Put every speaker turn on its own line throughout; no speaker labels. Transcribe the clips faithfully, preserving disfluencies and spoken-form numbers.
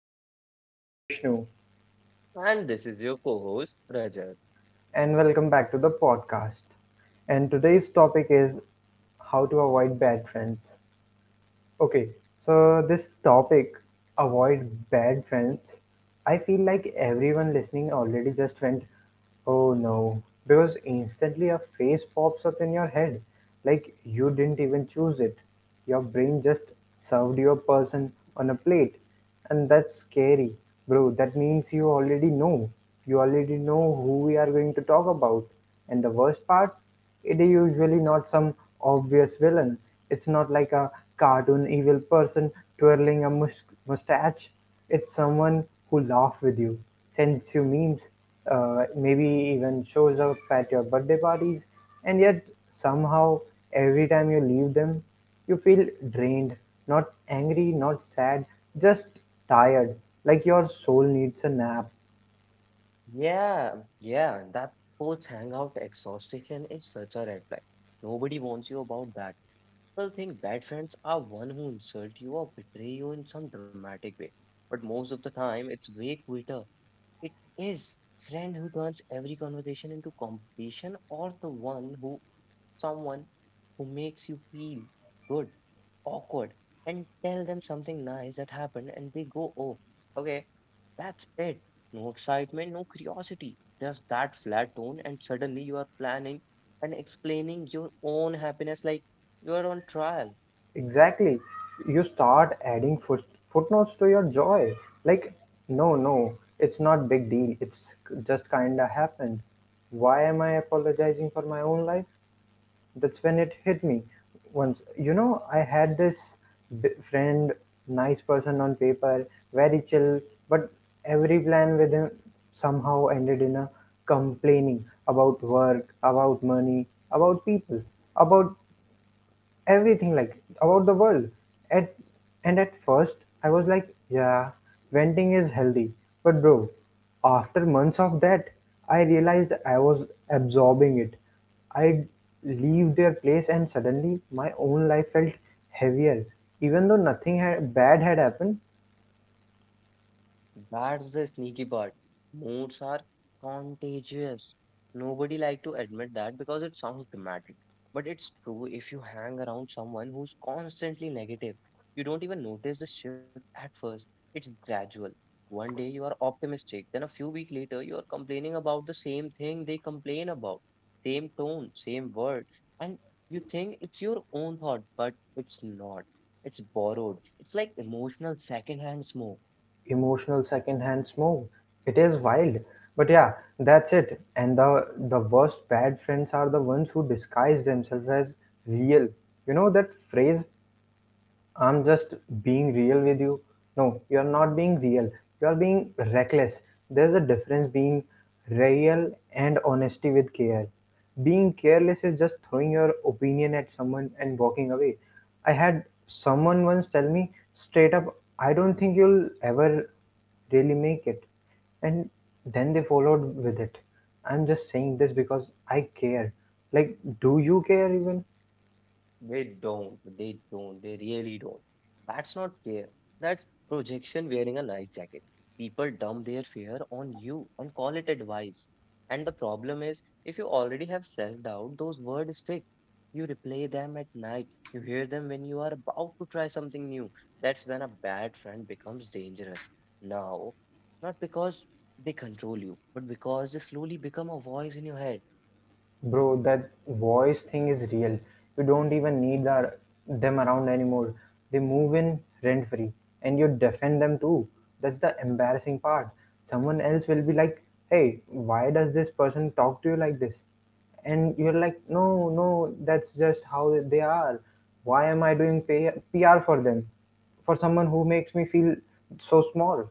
your host, Vishnu,
And this is your co host, Rajat.
and welcome back to the podcast. And today's topic is how to avoid bad friends. Okay, so this topic, avoid bad friends. I feel like everyone listening already just went, oh no, because instantly a face pops up in your head, like you didn't even choose it. Your brain just served your person on a plate, and that's scary, bro. That means you already know. You already know who we are going to talk about. And the worst part? It is usually not some obvious villain. It's not like a cartoon evil person twirling a mus- mustache. It's someone who laughs with you, sends you memes, uh, maybe even shows up at your birthday parties, and yet somehow every time you leave them, you feel drained, not angry, not sad, just tired, like your soul needs a nap.
Yeah, yeah, that post hangout exhaustion is such a red flag. Nobody wants you about that. People think bad friends are one who insult you or betray you in some dramatic way. But most of the time, it's way quitter. It is friend who turns every conversation into competition or the one who someone who makes you feel good, awkward, and tell them something nice that happened and they go, oh, okay, that's it. No excitement, no curiosity, just that flat tone, and suddenly you are planning and explaining your own happiness like you are on trial.
Exactly. You start adding foot, footnotes to your joy. Like, no, no, it's not big deal. It's k- just kinda happened. Why am I apologizing for my own life? That's when it hit me. Once, you know, I had this b- friend, nice person on paper, very chill, but every plan with him somehow ended in a complaining about work, about money, about people, about everything like about the world. At and at first I was like, yeah, venting is healthy. But bro, after months of that, I realized I was absorbing it. I'd leave their place and suddenly my own life felt heavier. Even though nothing had, bad had happened.
That's the sneaky part. Moods are contagious. Nobody like to admit that because it sounds dramatic. But it's true if you hang around someone who's constantly negative. You don't even notice the shift at first. It's gradual. One day you are optimistic, then a few weeks later you are complaining about the same thing they complain about. Same tone, same word. And you think it's your own thought, but it's not. It's borrowed. It's like emotional secondhand smoke.
Emotional secondhand smoke. It is wild, but yeah, that's it. And the the worst bad friends are the ones who disguise themselves as real. You know that phrase? I'm just being real with you. No, you're not being real. You're being reckless. There's a difference being real and honesty with care. Being careless is just throwing your opinion at someone and walking away. I had someone once tell me straight up, I don't think you'll ever really make it. And then they followed with it. I'm just saying this because I care. Like, do you care even?
They don't, they don't, they really don't. That's not care. That's projection wearing a nice jacket. People dump their fear on you and call it advice. And the problem is, if you already have self doubt, those words stick. You replay them at night. You hear them when you are about to try something new. That's when a bad friend becomes dangerous. Now, not because they control you, but because they slowly become a voice in your head.
Bro, that voice thing is real. You don't even need the, them around anymore. They move in rent free and you defend them too. That's the embarrassing part. Someone else will be like, hey, why does this person talk to you like this? And you're like, no, no, that's just how they are. Why am I doing pay- P R for them? For someone who makes me feel so small?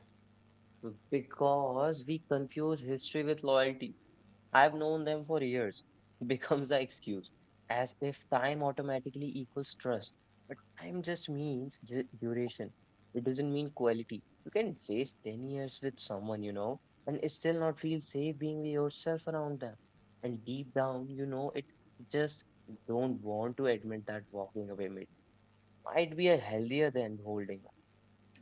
Because we confuse history with loyalty. I've known them for years becomes the excuse, as if time automatically equals trust. But time just means du- duration. It doesn't mean quality. You can face ten years with someone, you know, and still not feel safe being with yourself around them. And deep down, you know, it just don't want to admit that walking away mi- might be a healthier than holding.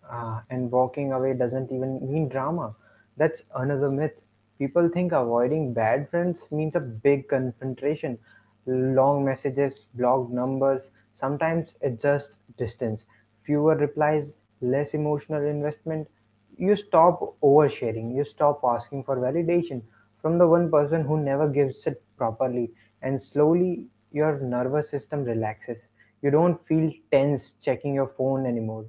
Uh, and walking away doesn't even mean drama. That's another myth. People think avoiding bad friends means a big confrontation, long messages, blocked numbers. Sometimes it's just distance, fewer replies, less emotional investment. You stop oversharing, you stop asking for validation from the one person who never gives it properly, and slowly your nervous system relaxes. You don't feel tense checking your phone anymore.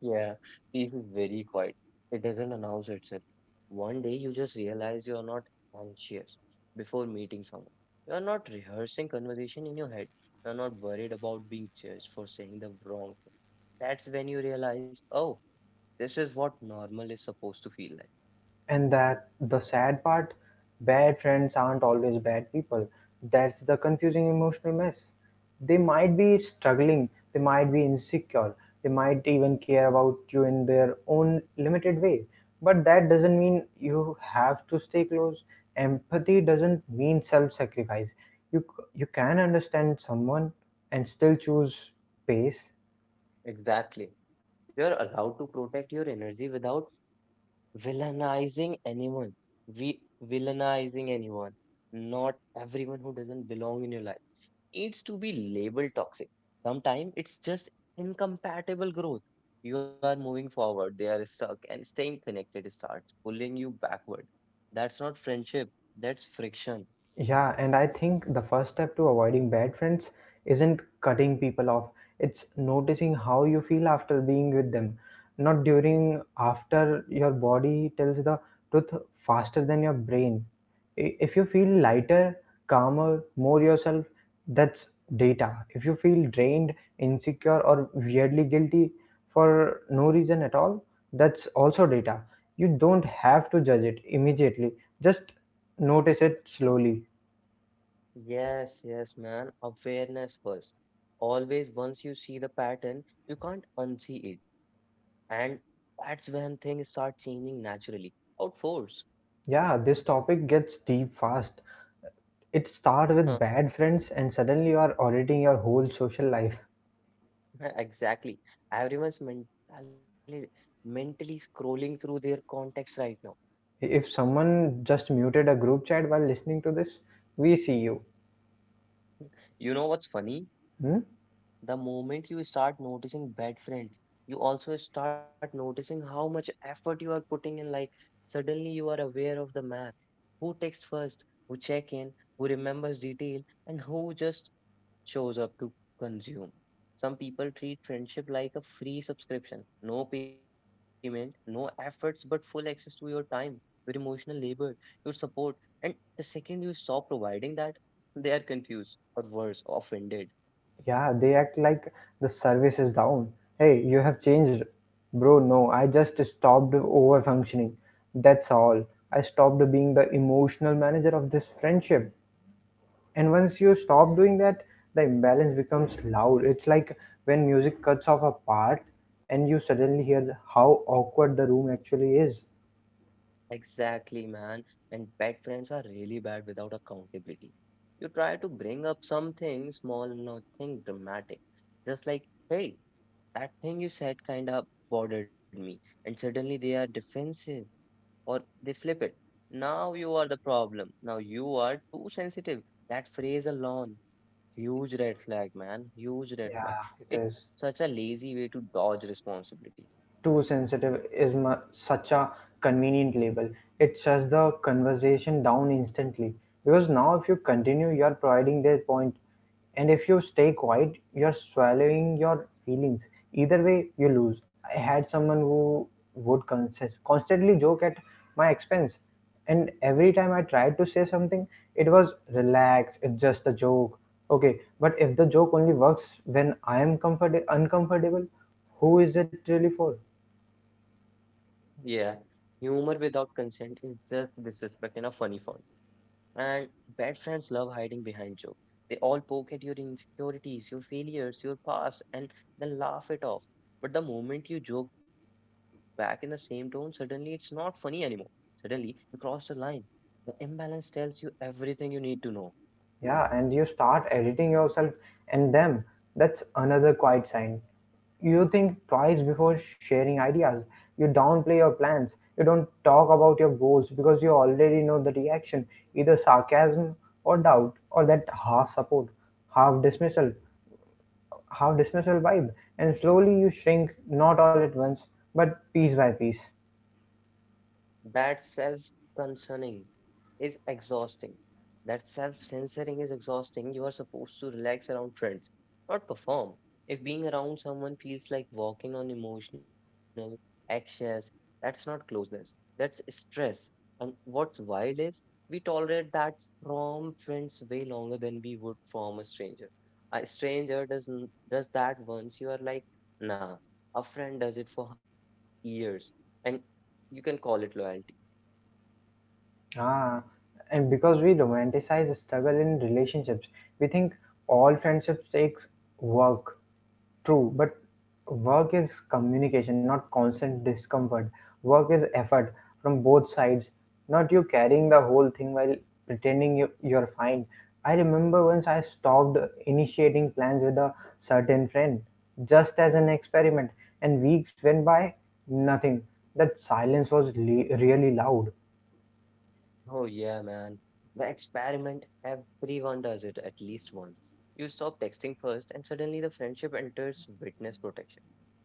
Yeah, peace is very quiet. It doesn't announce itself. One day you just realize you are not anxious before meeting someone. You are not rehearsing conversation in your head. You are not worried about being judged for saying the wrong thing. That's when you realize, oh, this is what normal is supposed to feel like.
And that the sad part, bad friends aren't always bad people. That's the confusing emotional mess. They might be struggling, they might be insecure, they might even care about you in their own limited way. But that doesn't mean you have to stay close. Empathy doesn't mean self-sacrifice. You you can understand someone and still choose pace.
Exactly. You are allowed to protect your energy without villainizing anyone. We villainizing anyone, not everyone who doesn't belong in your life needs to be labeled toxic. Sometimes it's just incompatible growth. You are moving forward, they are stuck, and staying connected starts pulling you backward. That's not friendship, that's friction.
Yeah, and I think the first step to avoiding bad friends isn't cutting people off. It's noticing how you feel after being with them, not during, after your body tells the truth faster than your brain. I- If you feel lighter, calmer, more yourself, that's data. If you feel drained, insecure, or weirdly guilty for no reason at all, that's also data. You don't have to judge it immediately. Just notice it slowly.
Yes, yes, man. Awareness first. Always, once you see the pattern, you can't unsee it. And that's when things start changing naturally. Out force.
Yeah, this topic gets deep fast. It starts
Huh,
with bad friends, and suddenly you are auditing your whole social life.
exactly. Everyone's mentally mentally scrolling through their context right now.
If someone just muted a group chat while listening to this, we see you.
You know what's funny?
Hmm?
The moment you start noticing bad friends, you also start noticing how much effort you are putting in. Like, suddenly you are aware of the math. Who texts first, who check in, who remembers detail, and who just shows up to consume. Some people treat friendship like a free subscription. No payment, no efforts, but full access to your time, your emotional labor, your support. And the second you stop providing that, they are confused or worse, offended.
Yeah, they act like the service is down. Hey, you have changed. Bro, no, I just stopped over functioning. That's all. I stopped being the emotional manager of this friendship. And once you stop doing that, the imbalance becomes loud. It's like when music cuts off a part and you suddenly hear the- how awkward the room actually is.
Exactly, man. And pet friends are really bad without accountability. You try to bring up something small, nothing dramatic. Just like, hey, that thing you said kind of bothered me. And suddenly they are defensive or they flip it. Now you are the problem. Now you are too sensitive. That phrase alone, huge red flag, man. Huge red flag.
Yeah, it
It's
is.
such a lazy way to dodge responsibility.
Too sensitive is mu- such a convenient label. It shuts the conversation down instantly. Because now, if you continue, you are providing their point, and if you stay quiet, you are swallowing your feelings. Either way, you lose. I had someone who would consist- constantly joke at my expense, and every time I tried to say something, it was relax, it's just a joke. Okay, but if the joke only works when I am comfort- uncomfortable, who is it really for?
Yeah, humor without consent is just disrespect in a funny form. And bad friends love hiding behind jokes. They all poke at your insecurities, your failures, your past, and then laugh it off. But the moment you joke back in the same tone, suddenly it's not funny anymore. Suddenly you cross the line. The imbalance tells you everything you need to know.
Yeah, and you start editing yourself and them. That's another quiet sign. You think twice before sharing ideas. You downplay your plans. You don't talk about your goals because you already know the reaction either sarcasm or doubt, or that half support, half dismissal, half dismissal vibe. And slowly you shrink, not all at once, but piece by piece.
That self concerning is exhausting. That self censoring is exhausting. You are supposed to relax around friends, not perform. If being around someone feels like walking on emotional eggshells, that's not closeness, that's stress. And what's wild is we tolerate that from friends way longer than we would from a stranger. A stranger does, n- does that once, you are like, nah, a friend does it for years. And you can call it loyalty.
Ah, and because we romanticize struggle in relationships, we think all friendships takes work. True, but work is communication, not constant discomfort. Work is effort from both sides, not you carrying the whole thing while pretending you, you're fine. I remember once I stopped initiating plans with a certain friend, just as an experiment, and weeks went by, nothing. That silence was le- really loud.
Oh yeah, man. The experiment, everyone does it at least once. You stop texting first and suddenly the friendship enters witness protection.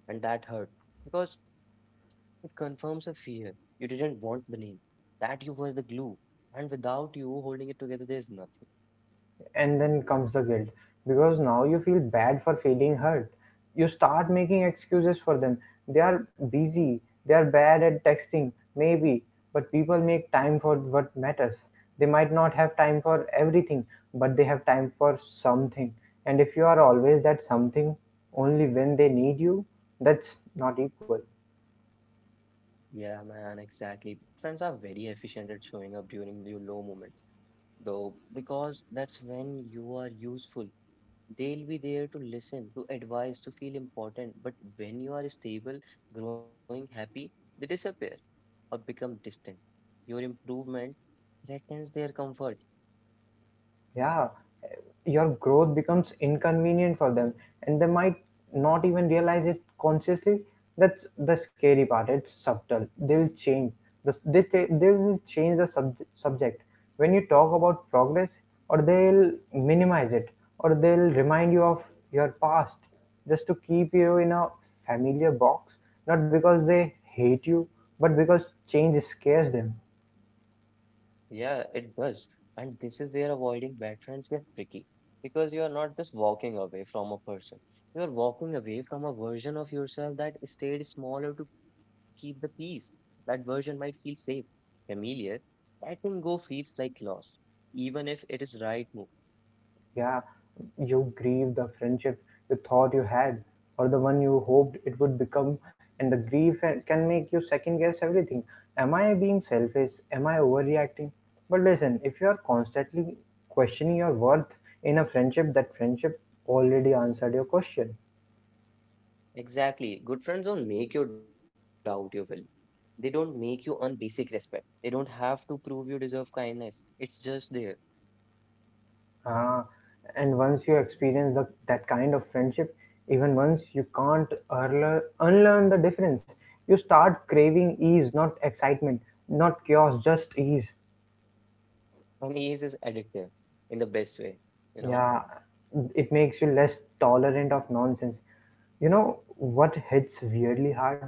And that hurt because it confirms a fear. You didn't want the name, that you were the glue. And without you holding it together, there's nothing.
And then comes the guilt because now you feel bad for feeling hurt. You start making excuses for them. They are busy, they are bad at texting, maybe, but people make time for what matters. They might not have time for everything, but they have time for something. And if you are always that something only when they need you, that's not equal.
Yeah, man, exactly. Friends are very efficient at showing up during your low moments, though, because that's when you are useful. They'll be there to listen, to advise, to feel important. But when you are stable, growing, happy, they disappear or become distant. Your improvement threatens their comfort.
Yeah, your growth becomes inconvenient for them, and they might not even realize it consciously. That's the scary part. It's subtle. They'll change the, they, they they will change the sub, subject when you talk about progress, or they'll minimize it, or they'll remind you of your past just to keep you in a familiar box, not because they hate you, but because change scares them.
Yeah, it does. And this is where avoiding bad friends gets tricky because you are not just walking away from a person, you are walking away from a version of yourself that stayed smaller to keep the peace. That version might feel safe, familiar. Letting go feels like loss, even if it is right move.
Yeah, you grieve the friendship you thought you had, or the one you hoped it would become, and the grief eh, can make you second guess everything. Am I being selfish? Am I overreacting? But listen, if you are constantly questioning your worth in a friendship, that friendship already answered your question.
Exactly. Good friends don't make you doubt your value. They don't make you earn basic respect. They don't have to prove you deserve kindness. It's just there.
Ah, and once you experience the, that kind of friendship, even once you can't unlearn, unlearn the difference, you start craving ease, not excitement, not chaos, just ease.
And ease is addictive in the best way, you know?
Yeah, it makes you less tolerant of nonsense. You know what hits weirdly hard?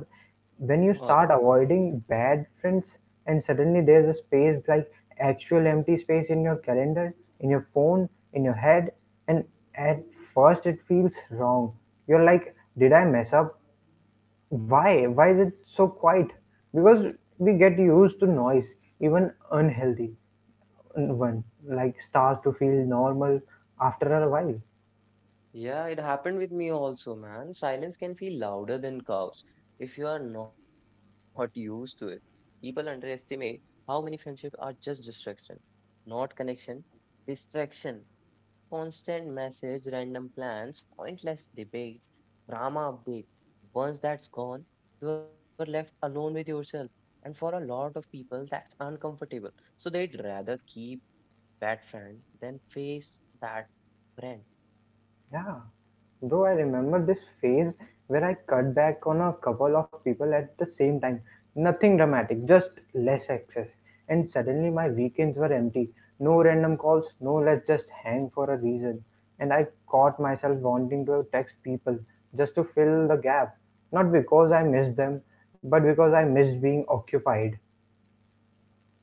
When
God.
you start avoiding bad friends and suddenly there's a space like actual empty space in your calendar, in your phone, in your head, and at first it feels wrong. You're like, did I mess up? Why? Why is it so quiet? Because we get used to noise, even unhealthy one, like starts to feel normal after a while.
Yeah, it happened with me also, man. Silence can feel louder than cows if you are not used to it. People underestimate how many friendships are just distraction, not connection, distraction. Constant message, random plans, pointless debates, drama update. Once that's gone, you are left alone with yourself. And for a lot of people, that's uncomfortable. So they'd rather keep that friend than face that friend.
Yeah, bro, I remember this phase where I cut back on a couple of people at the same time. Nothing dramatic, just less access. And suddenly my weekends were empty. No random calls, no let's just hang for a reason. And I caught myself wanting to text people just to fill the gap. Not because I missed them, but because I missed being occupied.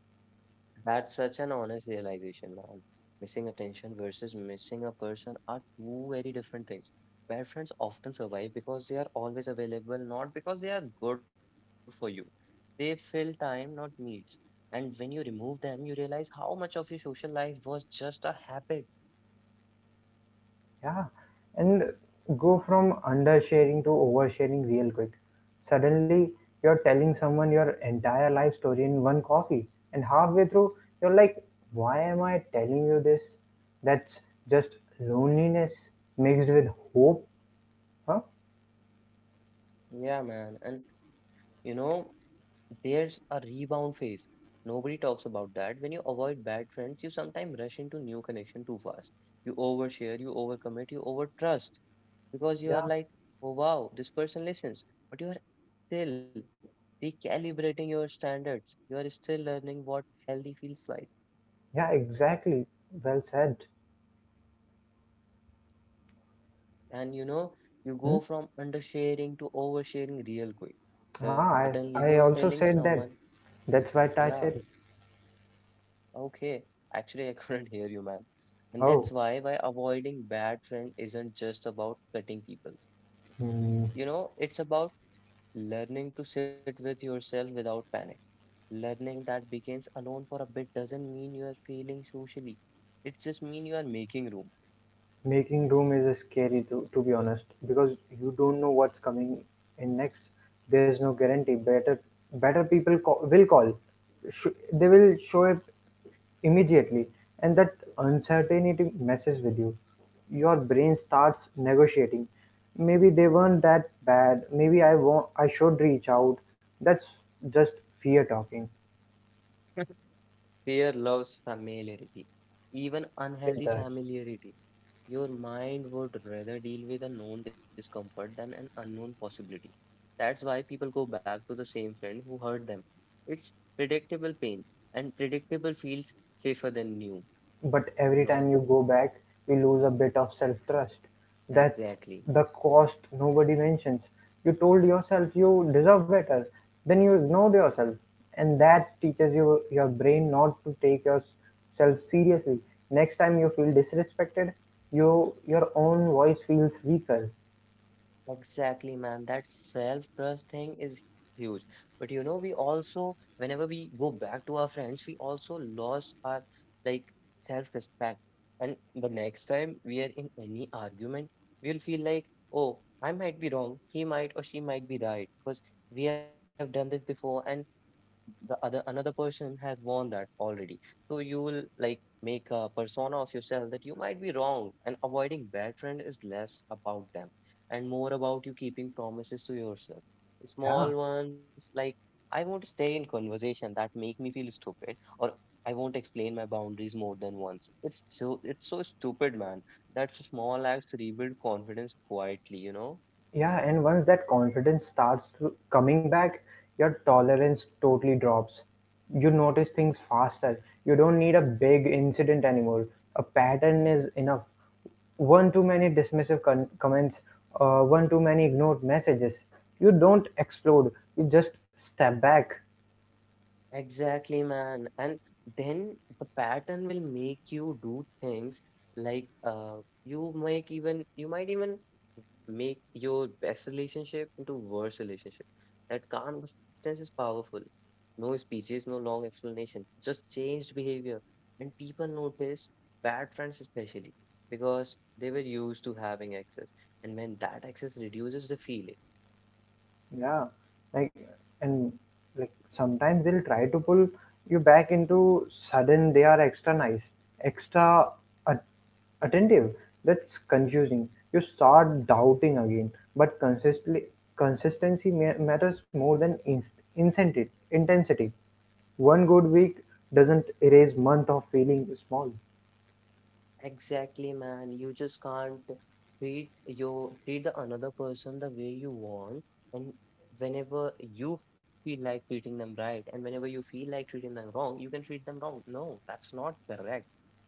That's such an honest realization, man. Missing attention versus missing a person are two very different things. Where friends often survive because they are always available, not because they are good for you. They fill time, not needs. And when you remove them, you realize how much of your social life was just a habit.
Yeah, and go from undersharing to oversharing real quick. Suddenly, you're telling someone your entire life story in one coffee, and halfway through, you're like, why am I telling you this? That's just loneliness mixed with hope, huh?
Yeah, man. And you know, There's a rebound phase. Nobody talks about that. When you avoid bad friends, you sometimes rush into new connection too fast. You overshare, you overcommit, you overtrust because you are
Yeah,
like, oh wow, this person listens, but you are still recalibrating your standards. You are still learning what healthy feels like,
yeah, exactly. Well said.
and you know you go
Hmm?
from undersharing to oversharing real quick.
Ah,
Suddenly,
I,
you are
I
telling
also
someone,
said that. That's what
yeah,
I said.
okay, actually, I couldn't hear you, man. And that's
Oh,
why why avoiding bad friends isn't just about cutting people.
hmm.
You know, it's about learning to sit with yourself without panic. Learning that begins alone for a bit doesn't mean you are failing socially. It just means you are making room.
Making room is scary to, to be honest because you don't know what's coming in next. There's no guarantee. Better better people call, will call. Sh- they will show up immediately and that uncertainty messes with you. Your brain starts negotiating. Maybe they weren't that bad. Maybe I won't, I should reach out. That's just fear talking.
Fear loves familiarity, even
It
unhealthy
does.
familiarity. Your mind would rather deal with a known discomfort than an unknown possibility. That's why people go back to the same friend who hurt them. It's predictable pain, and predictable feels safer than new,
But
you
every time
know?
you go back, you lose a bit of self trust. That's
Exactly.
the cost nobody mentions. You told yourself you deserve better, then you ignored yourself, and that teaches your, your brain not to take yourself seriously. Next time you feel disrespected, you, your own voice feels weaker.
Exactly, man. That self-trust thing is huge. But you know, we also, whenever we go back to our friends, we also lost our like self-respect. And the next time we are in any argument, we'll feel like, oh, I might be wrong. He might or she might be right because we have done this before and the other another person has worn that already, so you will like make a persona of yourself that you might be wrong, and avoiding bad friend is less about them and more about you keeping promises to yourself,
Yeah,
small ones like I won't stay in conversation that make me feel stupid, or I won't explain my boundaries more than once. It's so it's so stupid, man. That's small acts rebuild confidence quietly, you know.
yeah, and once that confidence starts to coming back, your tolerance totally drops. You notice things faster. You don't need a big incident anymore. A pattern is enough. One too many dismissive con- comments, uh, one too many ignored messages. You don't explode. You just step back.
Exactly, man. And then the pattern will make you do things like uh, you might even you might even make your best relationship into worse relationship. That calm distance is powerful. No speeches, no long explanation, just changed behavior. And people notice bad friends especially because they were used to having access. And when that access reduces the feeling.
Yeah, like and like sometimes they'll try to pull you back into sudden they are extra nice, extra at- attentive. That's confusing. You start doubting again, but consistently consistency ma- matters more than inst- incentive intensity. One good week doesn't erase month of feeling small.
Exactly, man. You just can't treat you treat the another person the way you want, and whenever you feel like treating them right, and whenever you feel like treating them wrong, you can treat them wrong. No, that's not correct.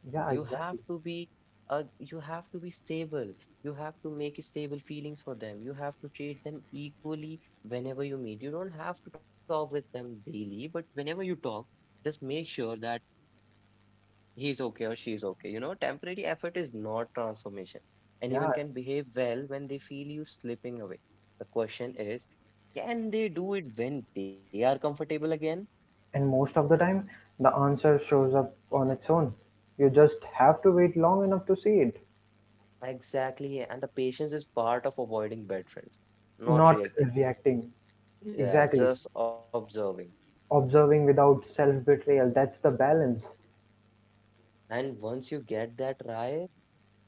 Yeah,
You have
exactly.
to be uh, you have to be stable. You have to make stable feelings for them. You have to treat them equally whenever you meet. You don't have to talk with them daily, but whenever you talk, just make sure that he's okay or she is okay. You know, temporary effort is not transformation. Anyone
Yeah,
can behave well when they feel you slipping away. The question is, can they do it when they are comfortable again?
and most of the time, the answer shows up on its own. You just have to wait long enough to see it,
Exactly. And the patience is part of avoiding bad friends, not
not
reacting,
reacting.
yeah,
Exactly.
just observing.
Observing without self betrayal, that's the balance.
And once you get that right,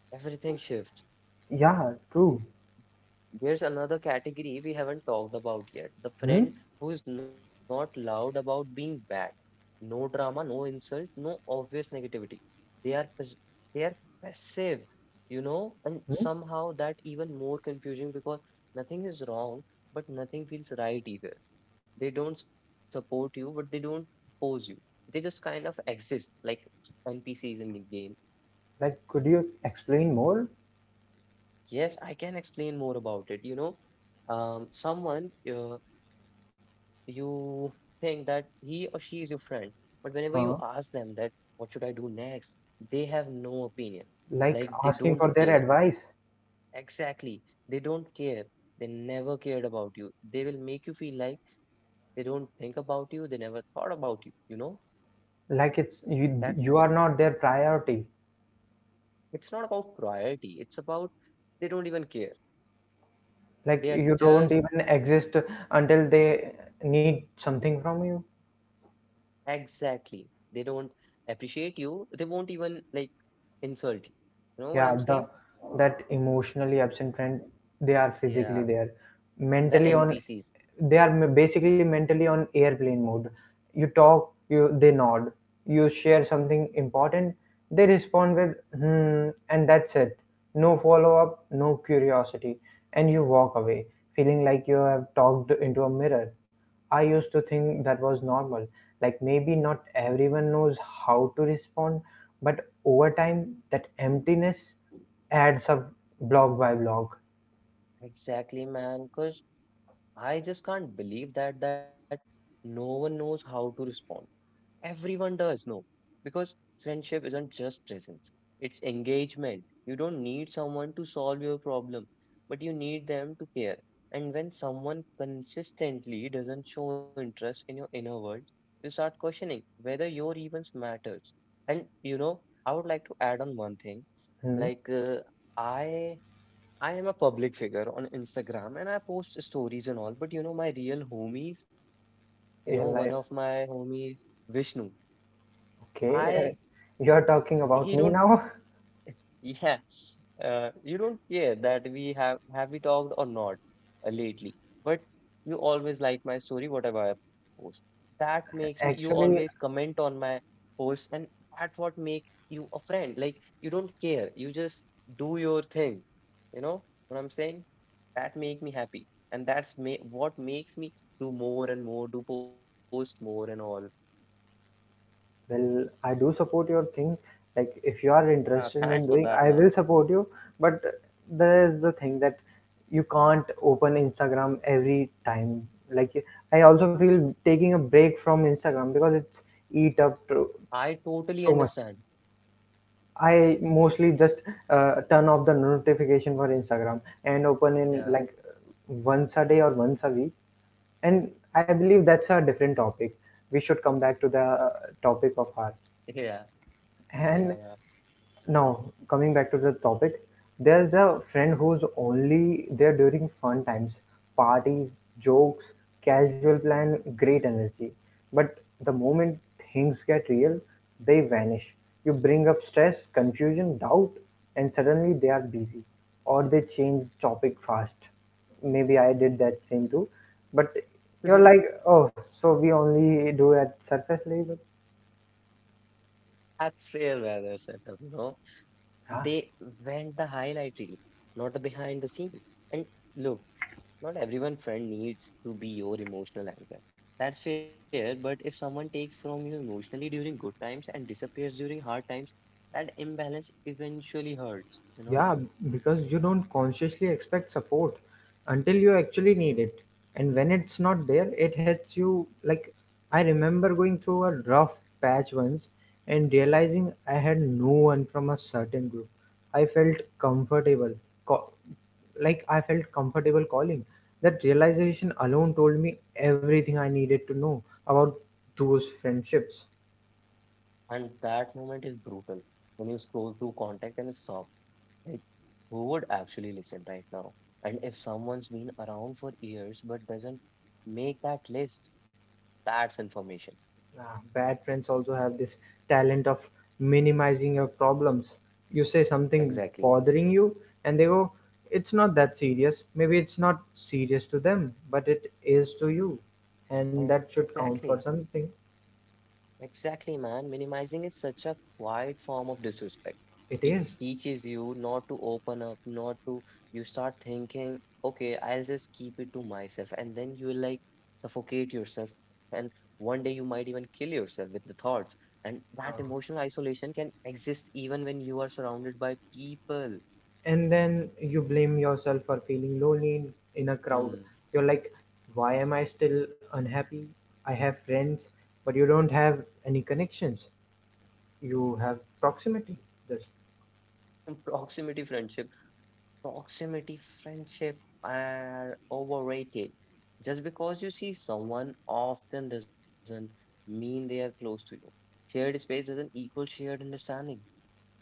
everything shifts.
Yeah, true.
Here's another category we haven't talked about yet. The
Hmm?
friend who is not loud about being bad. No drama, no insult, no obvious negativity. They are pas- they are passive, you know, and
Hmm?
somehow that even more confusing because nothing is wrong, but nothing feels right either. They don't support you, but they don't oppose you. They just kind of exist like N P Cs in the game.
Like, could you explain more?
Yes, I can explain more about it, you know. Um, someone uh, you think that he or she is your friend, but whenever you
Huh?
ask them that, what should I do next? They have no opinion.
Like
Like they
asking
don't
for their
care.
advice.
Exactly. They don't care. They never cared about you. They will make you feel like they don't think about you. They never thought about you. You know,
Like, it's you,
that's
you are not their priority.
it's not about priority. It's about they don't even care.
Like,
They are
you don't
just
even exist until they need something from you.
exactly. They don't appreciate you. They won't even like insult you. You know what
Yeah,
I'm saying?
the that emotionally absent friend, they are
Yeah,
physically there,
the
mentally on,
N P Cs.
they are ma- basically mentally on airplane mode. You talk you they nod, you share something important, they respond with hmm, and that's it. No follow up, no curiosity, and you walk away feeling like you have talked into a mirror. I used to think that was normal, like maybe not everyone knows how to respond, but over time, that emptiness adds up blog by blog.
Exactly, man. Because I just can't believe that that no one knows how to respond. Everyone does know. Because friendship isn't just presence, it's engagement. You don't need someone to solve your problem, but you need them to care. And when someone consistently doesn't show interest in your inner world, you start questioning whether your events matters. And you know, I would like to add on one thing.
Hmm?
Like uh, I I am a public figure on Instagram and I post stories and all, but you know, my real homies, you know, one
You're
of
like,
my homies, Vishnu,
okay,
I,
uh, you're talking
he
about
don't.
me now?
Yes, uh, you don't care that we have have we talked or not uh, lately, but you always like my story, whatever I post. That makes me, you always
Actually,
comment on my post, and that's what make you a friend. Like you don't care, you just do your thing. You know what I'm saying? That make me happy, and that's ma what makes me do more and more, do post more and all.
well, I do support your thing. Like, if you are
Yeah, thanks for
interested in
that,
doing,
man.
I will support you. But there is the thing that you can't open Instagram every time. Like, I also feel taking a break from Instagram because it's eat up to
I totally
so much.
understand.
I mostly just uh, turn off the notification for Instagram and open in
Yeah,
like once a day or once a week. And I believe that's a different topic. We should come back to the topic of art.
yeah,
And
yeah.
now, coming back to the topic, there's the friend who's only there during fun times, parties, jokes, casual plan, great energy. But the moment things get real, they vanish. You bring up stress, confusion, doubt, and suddenly they are busy or they change topic fast. Maybe I did that same too. But you're
Mhm.
like, oh, so we only do at surface level?
That's real rather setup, you know.
Huh?
They went the highlight reel, not the behind the scene. And look, not everyone friend needs to be your emotional anchor. That's fair, but if someone takes from you emotionally during good times and disappears during hard times, that imbalance eventually hurts, you know?
Yeah, because you don't consciously expect support until you actually need it. And when it's not there, it hits you. Like, I remember going through a rough patch once and realizing I had no one from a certain group. I felt comfortable, co- like, I felt comfortable calling. That realization alone told me everything I needed to know about those friendships.
And that moment is brutal when you scroll through contact and stop. Like, who would actually listen right now? And if someone's been around for years but doesn't make that list, that's information.
Ah, bad friends also have this talent of minimizing your problems. You say something
Exactly.
bothering you, and they go, it's not that serious. Maybe it's not serious to them, but it is to you. And that should
Exactly.
count for something.
Exactly, man. Minimizing is such a quiet form of disrespect.
It
It
is.
teaches you not to open up, not to, you start thinking, okay, I'll just keep it to myself. And then you will like suffocate yourself. And one day you might even kill yourself with the thoughts. And that
Uh,
emotional isolation can exist even when you are surrounded by people.
and then you blame yourself for feeling lonely in, in a crowd.
Mm.
You're like, why am I still unhappy? I have friends, but you don't have any connections. You have proximity. Just
And proximity friendship proximity friendship are overrated. Just because you see someone often doesn't mean they are close to you. Shared space doesn't equal shared understanding.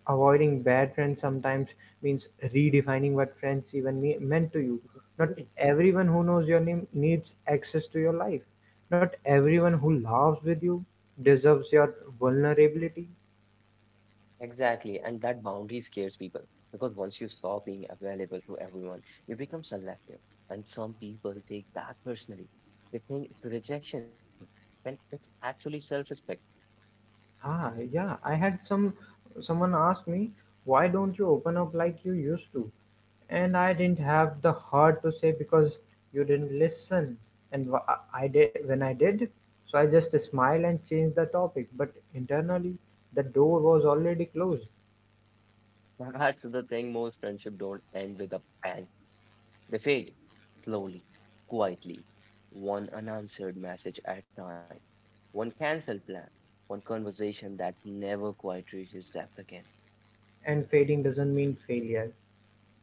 avoiding bad friends sometimes means redefining what friends even me- meant to you. Not everyone who knows your name needs access to your life. Not everyone who laughs with you deserves your vulnerability.
Exactly, and that boundary scares people because once you stop being available to everyone, you become selective, and some people take that personally. They think it's rejection when it's actually self-respect.
Ah, yeah. I had some someone ask me, "Why don't you open up like you used to?" And I didn't have the heart to say because you didn't listen. And wh- I I did when I did, so I just smiled and changed the topic. But internally, the door was already closed.
That's the thing most friendship don't end with a bang. They fade, slowly, quietly, one unanswered message at a time, one cancelled plan, one conversation that never quite reaches depth again.
And fading doesn't mean failure;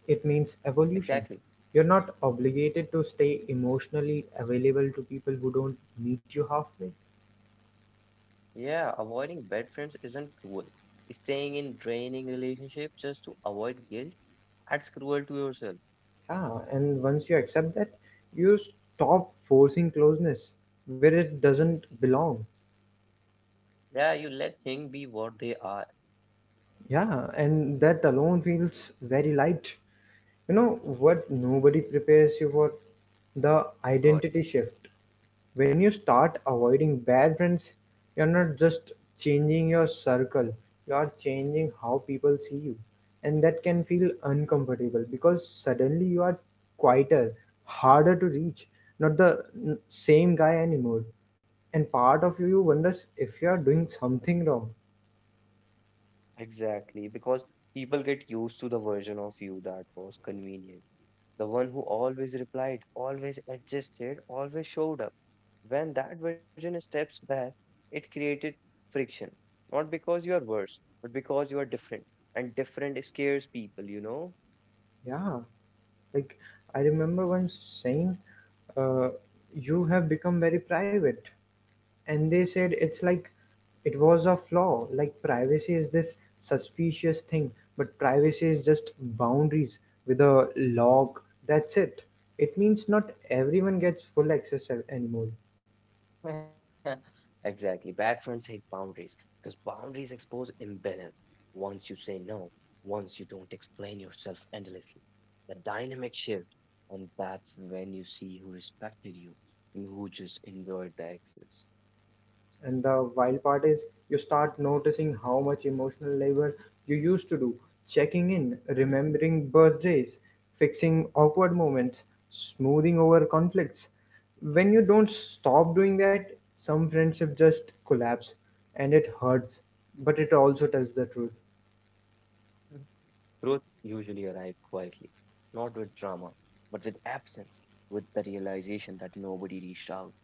it means evolution.
Exactly.
You're not obligated to stay emotionally available to people who don't meet you halfway.
Yeah, avoiding bad friends isn't cruel. Staying in draining relationships just to avoid guilt, that's cruel to yourself.
Yeah, and once you accept that, you stop forcing closeness where it doesn't belong.
Yeah, you let things be what they are.
Yeah, and that alone feels very light. You know what nobody prepares you for? The
What?
identity shift. When you start avoiding bad friends, you're not just changing your circle, you're changing how people see you. And that can feel uncomfortable because suddenly you are quieter, harder to reach, not the n- same guy anymore. And part of you wonders if you are doing something wrong.
Exactly, because people get used to the version of you that was convenient the one who always replied, always adjusted, always showed up. When that version steps back, it created friction. Not because you are worse, but because you are different. And different scares people, you know?
Yeah, like I remember once saying, uh, "You have become very private," and they said it's like it was a flaw. Like privacy is this suspicious thing, but privacy is just boundaries with a log. That's it. It means not everyone gets full access a- anymore.
Exactly. Bad friends hate boundaries because boundaries expose imbalance. Once you say no, once you don't explain yourself endlessly, the dynamic shift. And that's when you see who respected you and who just enjoyed the excess.
And the wild part is you start noticing how much emotional labor you used to do, checking in, remembering birthdays, fixing awkward moments, smoothing over conflicts. When you don't stop doing that, some friendship just collapse and it hurts, but it also tells the truth.
Mhm. Truth usually arrives quietly, not with drama, but with absence, with the realization that nobody reached out,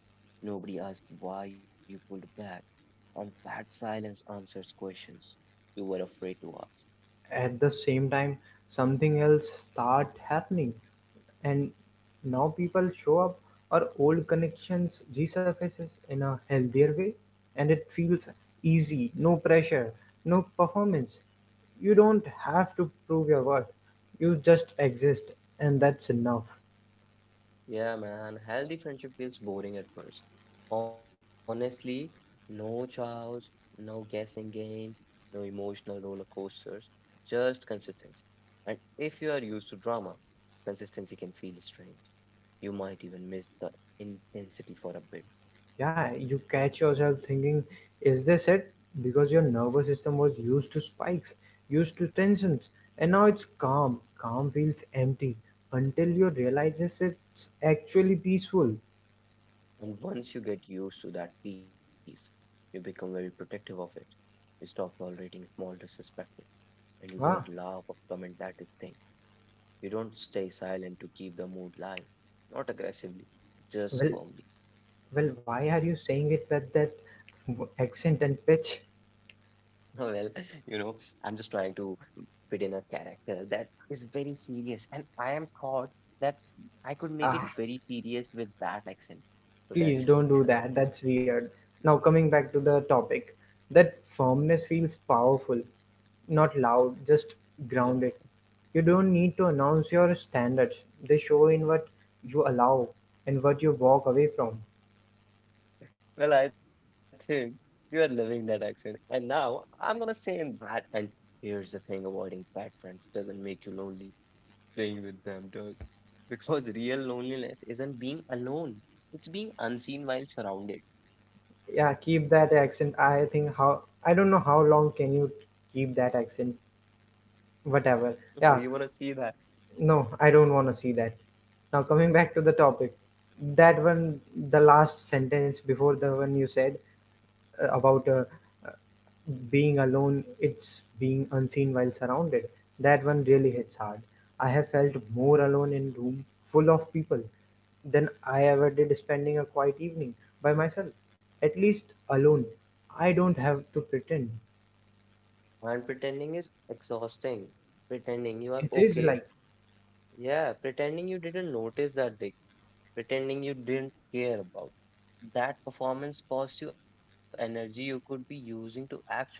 nobody asked why you pulled back, and that silence answers questions you were afraid to ask.
At the same time something else start happening, and now people show up or old connections resurfaces in a healthier way, and it feels easy. No pressure, no performance, you don't have to prove your worth, you just exist, and that's enough.
Yeah, man, healthy friendship feels boring at first. Honestly, no chows, no guessing games, no emotional roller coasters, just consistency. And if you are used to drama, consistency can feel strange. You might even miss the intensity for a bit.
Yeah, you catch yourself thinking, is this it? Because your nervous system was used to spikes, used to tensions, and now it's calm. Calm feels empty until you realize it's actually peaceful.
And once you get used to that peace, you become very protective of it. You stop tolerating small disrespect and you don't
Ah,
laugh or comment that is thing. You don't stay silent to keep the mood live, not aggressively, just
well,
firmly.
well, why are you saying it with that accent and pitch?
Well, you know, I'm just trying to fit in a character that is very serious, and I am thought that I could make it
Ah.
very serious with that accent. So
Please
that's
don't do
just,
that. That's weird. Now, coming back to the topic, that firmness feels powerful, not loud, just
yeah.
grounded. You don't need to announce your standards, they show in what you allow and what you walk away from.
Well, I think you are loving that accent, and now I'm gonna say in that. And here's the thing: avoiding bad friends doesn't make you lonely. Playing with them does. Because real loneliness isn't being alone, it's being unseen while surrounded.
Yeah, keep that accent. I think how I don't know how long can you keep that accent, whatever.
Oh, you want
Yeah,
to see that?
no, I don't want to see that. Now, coming back to the topic, that one, the last sentence before the one you said, uh, about uh, uh, being alone it's being unseen while surrounded, that one really hits hard. I have felt more alone in room full of people than I ever did spending a quiet evening by myself. At least alone I don't have to pretend.
And pretending is exhausting. Pretending you are
It is
okay.
like
Yeah, pretending you didn't notice that big. Pretending you didn't care about. That performance costs you energy you could be using to actually live.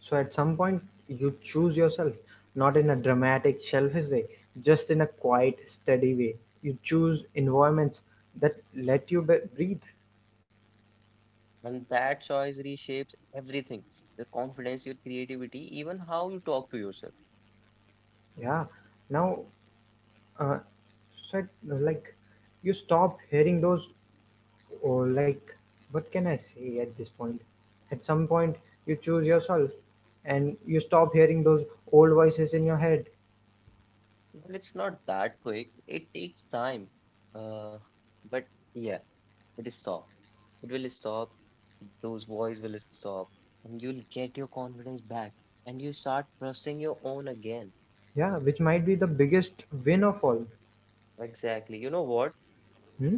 so at some point you choose yourself, not in a dramatic selfish way, just in a quiet steady way. You choose environments that let you be- breathe.
And that choice reshapes everything your confidence, your creativity, even how you talk to yourself.
Yeah, now, uh, said like, you stop hearing those, or like, what can I say at this point? At some point you choose yourself and you stop hearing those old voices in your head.
Well, it's not that quick. It takes time. Uh, but yeah, it is stop. It will stop. Those voice will stop, and you'll get your confidence back, and you start trusting your own again.
Yeah, which might be the biggest win of all.
Exactly. You know what?
Hmm?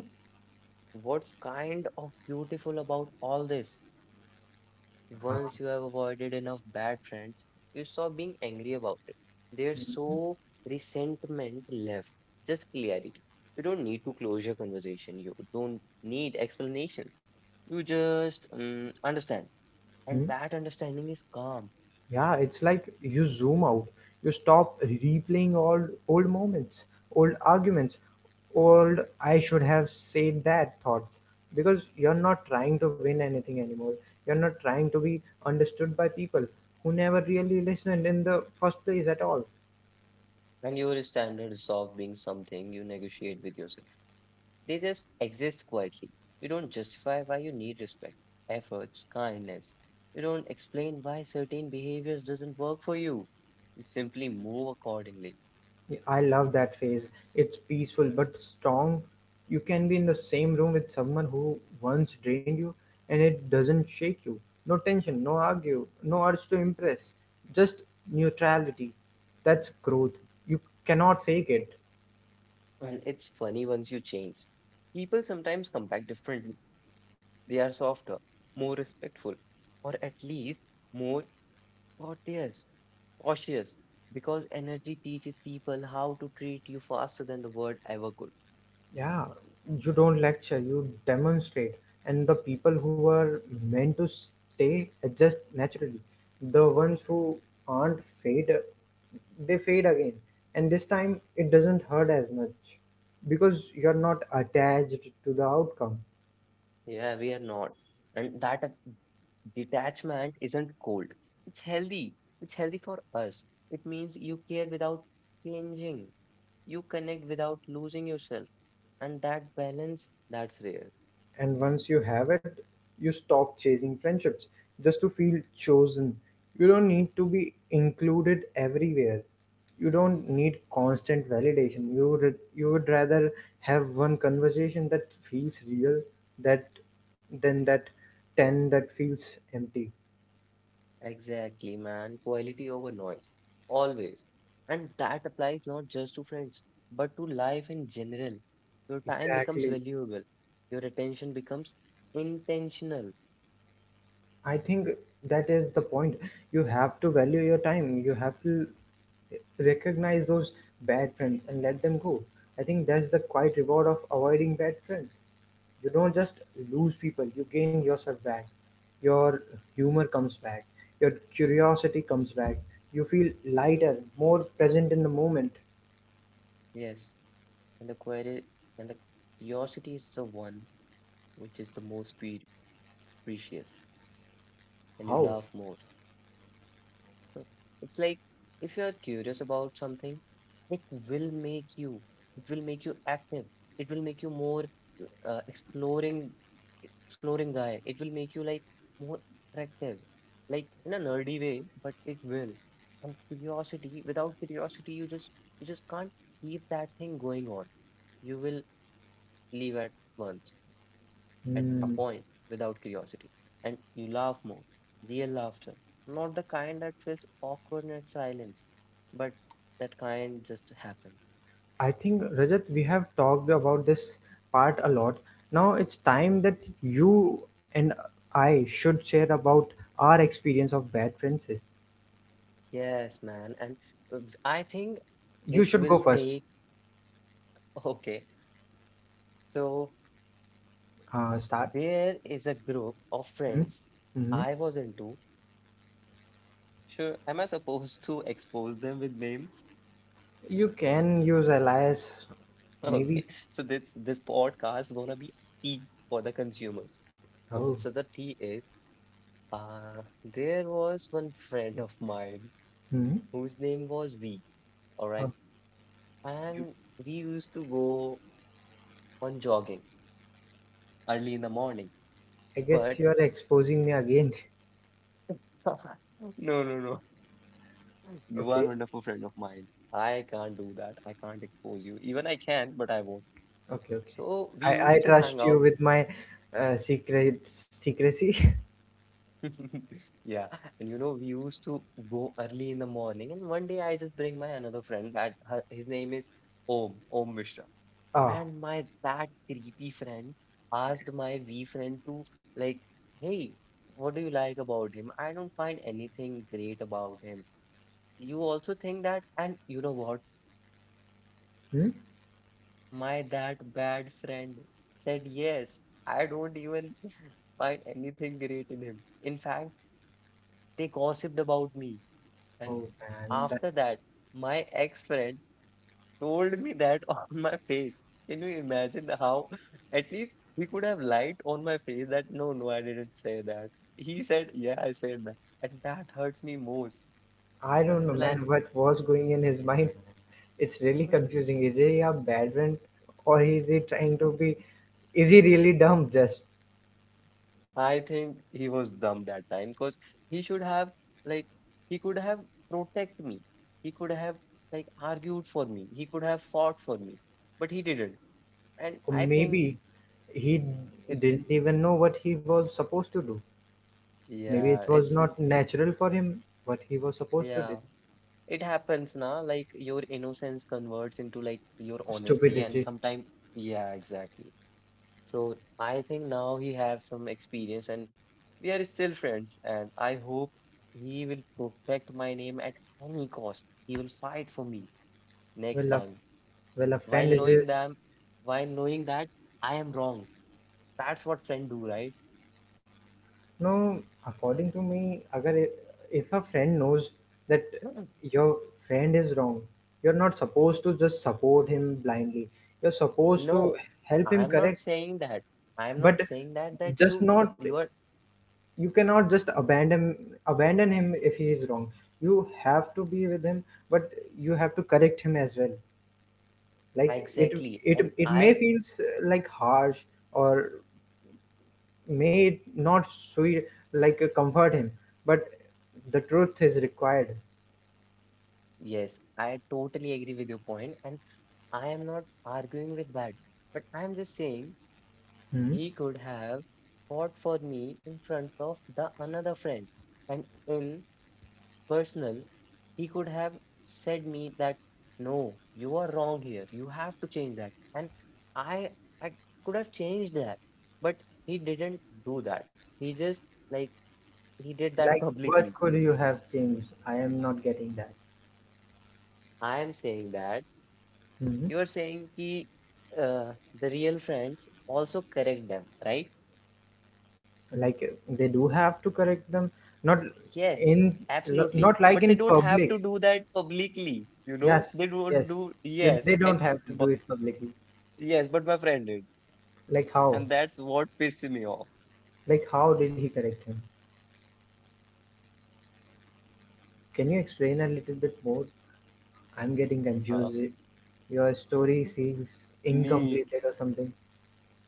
What's kind of beautiful about all this?
Uh,
Once you have avoided enough bad friends, you stop being angry about it. There's so resentment left, just clarity. You don't need to close your conversation. You don't need explanations. You just um, understand, and
Hmm?
that understanding is calm.
Yeah, it's like you zoom out. You stop replaying all old moments, old arguments, old I should have said that thoughts because you're not trying to win anything anymore. You're not trying to be understood by people who never really listened in the first place at all.
And your standards stop being something you negotiate with yourself. They just exist quietly. You don't justify why you need respect, efforts, kindness. You don't explain why certain behaviors doesn't work for you. You simply move accordingly.
I love that phase. It's peaceful but strong. You can be in the same room with someone who once drained you and it doesn't shake you. No tension, no argue, no urge to impress. Just neutrality. That's growth. You cannot fake it.
And it's funny once you change. People sometimes come back differently. They are softer, more respectful, or at least more courteous, cautious, because energy teaches people how to treat you faster than the word ever could.
Yeah, you don't lecture, you demonstrate. And the people who are meant to stay adjust naturally. The ones who aren't fade, they fade again. And this time it doesn't hurt as much because you're not attached to the outcome.
Yeah, we are not. And that detachment isn't cold. It's healthy. It's healthy for us. It means you care without changing. You connect without losing yourself. And that balance, that's rare.
And once you have it, you stop chasing friendships just to feel chosen. You don't need to be included everywhere. You don't need constant validation. You would, you would rather have one conversation that feels real that than that ten that feels empty.
Exactly, man. Quality over noise. Always. And that applies not just to friends, but to life in general. Your time becomes
Exactly.
valuable. Your attention becomes intentional.
I think that is the point. You have to value your time. You have to recognize those bad friends and let them go. I think that's the quiet reward of avoiding bad friends. You don't just lose people, you gain yourself back. Your humor comes back, your curiosity comes back. You feel lighter, more present in the moment.
Yes. And the query and the curiosity is the one which is the most pre- precious. And you
How?
laugh more. Huh. It's like if you are curious about something, it will make you, it will make you active. It will make you more uh, exploring, exploring guy. It will make you like more attractive, like in a nerdy way, but it will. And curiosity, without curiosity, you just you just can't keep that thing going on. You will leave at once at a
Hmm.
point without curiosity, and you laugh more. Real laughter, not the kind that feels awkward at silence, but that kind just happen.
I think, Rajat, we have talked about this part a lot. Now it's time that you and I should share about our experience of bad friendship.
Yes, man, and uh, I think
You
it
should go
will
first.
take. Okay, so
Uh, start.
there is a group of
Hmm,
friends
hmm.
I was into. Sure, am I supposed to expose them with names?
You can use alias. Maybe.
Okay, so this this podcast gonna be tea for the consumers.
Oh.
Okay, so the tea is. Uh, there was one friend of mine
Hmm.
whose name was V, all right?
Oh, you,
And we used to go on jogging early in the morning.
I guess
But
you are exposing me again.
no, no, no. You are a
Okay.
wonderful friend of mine. I can't do that. I can't expose you. Even I can, but I won't.
Okay. Okay.
So we
I, I
used to hang
trust you
out.
with my uh, secret secrecy.
Yeah. And you know, we used to go early in the morning. And one day I just bring my another friend that her, his name is Om, Om Mishra.
Oh.
And my that creepy friend asked my V friend to like, hey, what do you like about him? I don't find anything great about him. You also think that? And you know what?
Hmm?
My that bad friend said yes. I don't even find anything great in him. In fact, they gossiped about me. And
Oh man,
after
that's
that, my ex-friend told me that on my face. Can you imagine how? At least he could have lied on my face that no, no, I didn't say that. He said, yeah, I said that. And that hurts me most.
I
And
don't
it's
know,
like,
man, what was going in his mind. It's really confusing. Is he a bad friend or is he
y-
trying to be? Is he really dumb? Just
I think he was dumb that time because he should have, like, he could have protect me. He could have, like, argued for me. He could have fought for me, but he didn't. And
or
I think
maybe he
it's,
didn't even know what he was supposed to do. Maybe
yeah,
it was
it's,
not natural for him what he was supposed to do.
yeah. It happens now, like your innocence converts into like your honesty, and
Stupidity.
sometimes, yeah, exactly. So I think now he have some experience, and we are still friends, and I hope he will protect my name at any cost. He will fight for me next
Well, a,
time,
well, a
while
friend is
knowing
his.
them, while knowing that I am wrong. That's what friend do, right?
No, according to me, agar if a friend knows that
Mm,
your friend is wrong, you're not supposed to just support him blindly. You're supposed to
no,
help
I
him
am not
correct,
saying that. I am not
but
saying that that
just
you sup-
not,
you are
you cannot just abandon abandon him if he is wrong. You have to be with him, but you have to correct him as well. Like it
exactly, and
it it may
I.
feels uh, like harsh or may it not sweet, like uh, comfort him, but the truth is required.
Yes, I totally agree with your point, and I am not arguing with that, but I am just saying
Hmm.
he could have fought for me in front of the another friend, and in personal, he could have said me that no, you are wrong here. You have to change that, and I I could have changed that, but he didn't do that. He just like he did that
Like what
publicly.
could you have changed? I am not getting that.
I am saying that.
Hmm.
You are saying ki, uh, the real friends also correct them, right?
Like uh, they do have to correct them, not
Yes,
in lo-
absolutely.
not like
But they
in
don't have to
public.
do that publicly, you know? They
Yes,
don't
yes,
do,
you
yes.
they don't
And
have to do
but,
it publicly.
yes, but my friend did.
Like how,
And that's what pissed me off.
like how did he correct him? Can you explain a little bit more? I'm getting
Uh,
confused. Your story feels
me,
incomplete or something.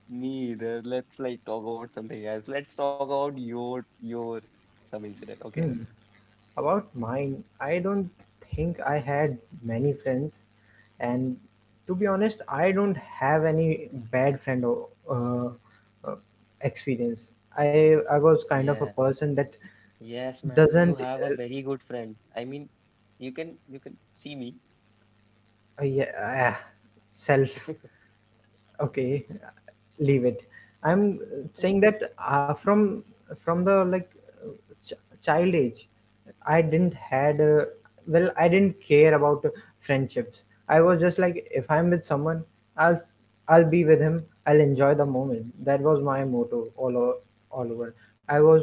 me either. Let's like talk about something else. Let's talk about your your some incident, okay?
Hmm. About mine, I don't think I had many friends, and to be honest, I don't have any bad friend or uh, uh, experience. I I was kind of a
Yeah,
person that
yes, man. You
doesn't
have a
uh,
very good friend. I mean, you can you can see me.
uh, yeah, uh, self, okay, leave it. I'm saying that uh, from from the like, uh, ch- child age, I didn't had uh, well, I didn't care about friendships. I was just like if I'm with someone i'll i'll be with him, I'll enjoy the moment. That was my motto all o- all over. I was,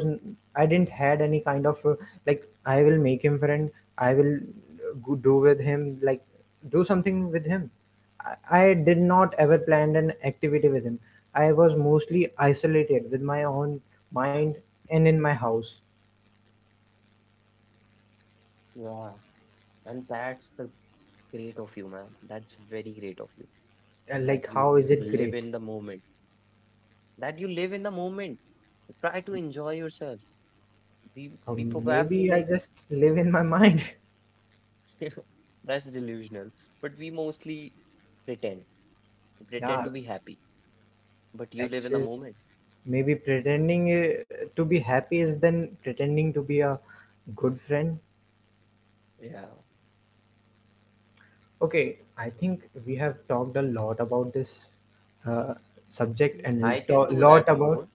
I didn't had any kind of uh, like I will make him friend, I will uh, go- do with him, like do something with him. I I did not ever plan an activity with him. I was mostly isolated with my own mind and in my house.
Yeah. And that's the great of you, man. That's very great of you
And
that
like,
you
how is it
live
great?
in the moment, that you live in the moment. Try to enjoy yourself. We we
Um,
probably
maybe I
like
just live in my mind.
that's delusional, but we mostly pretend, pretend
Yeah,
to be happy, but you live in the
actually,
moment.
maybe pretending uh, to be happy is then pretending to be a good friend.
Yeah,
Okay, I think we have talked a lot about this uh, subject
I
and
can
to-
do
lot
that
about
more,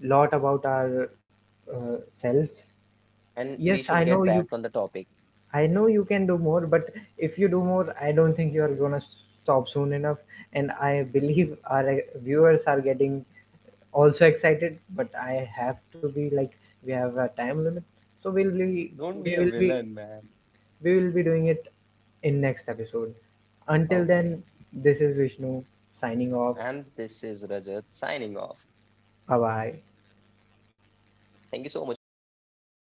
lot about our uh, selves.
and we
Yes, I
should
know
get
you,
back on the topic.
I know you can do more, but if you do more I don't think you are going to stop soon enough, and I believe our uh, viewers are getting also excited, but I have to be like we have a time limit, so we'll be
Don't
we
be a
will be
villain, man.
we will be doing it in next episode. Until
Okay,
then, this is Vishnu signing off.
and this is Rajat signing off.
Bye bye.
Thank you so much for listening.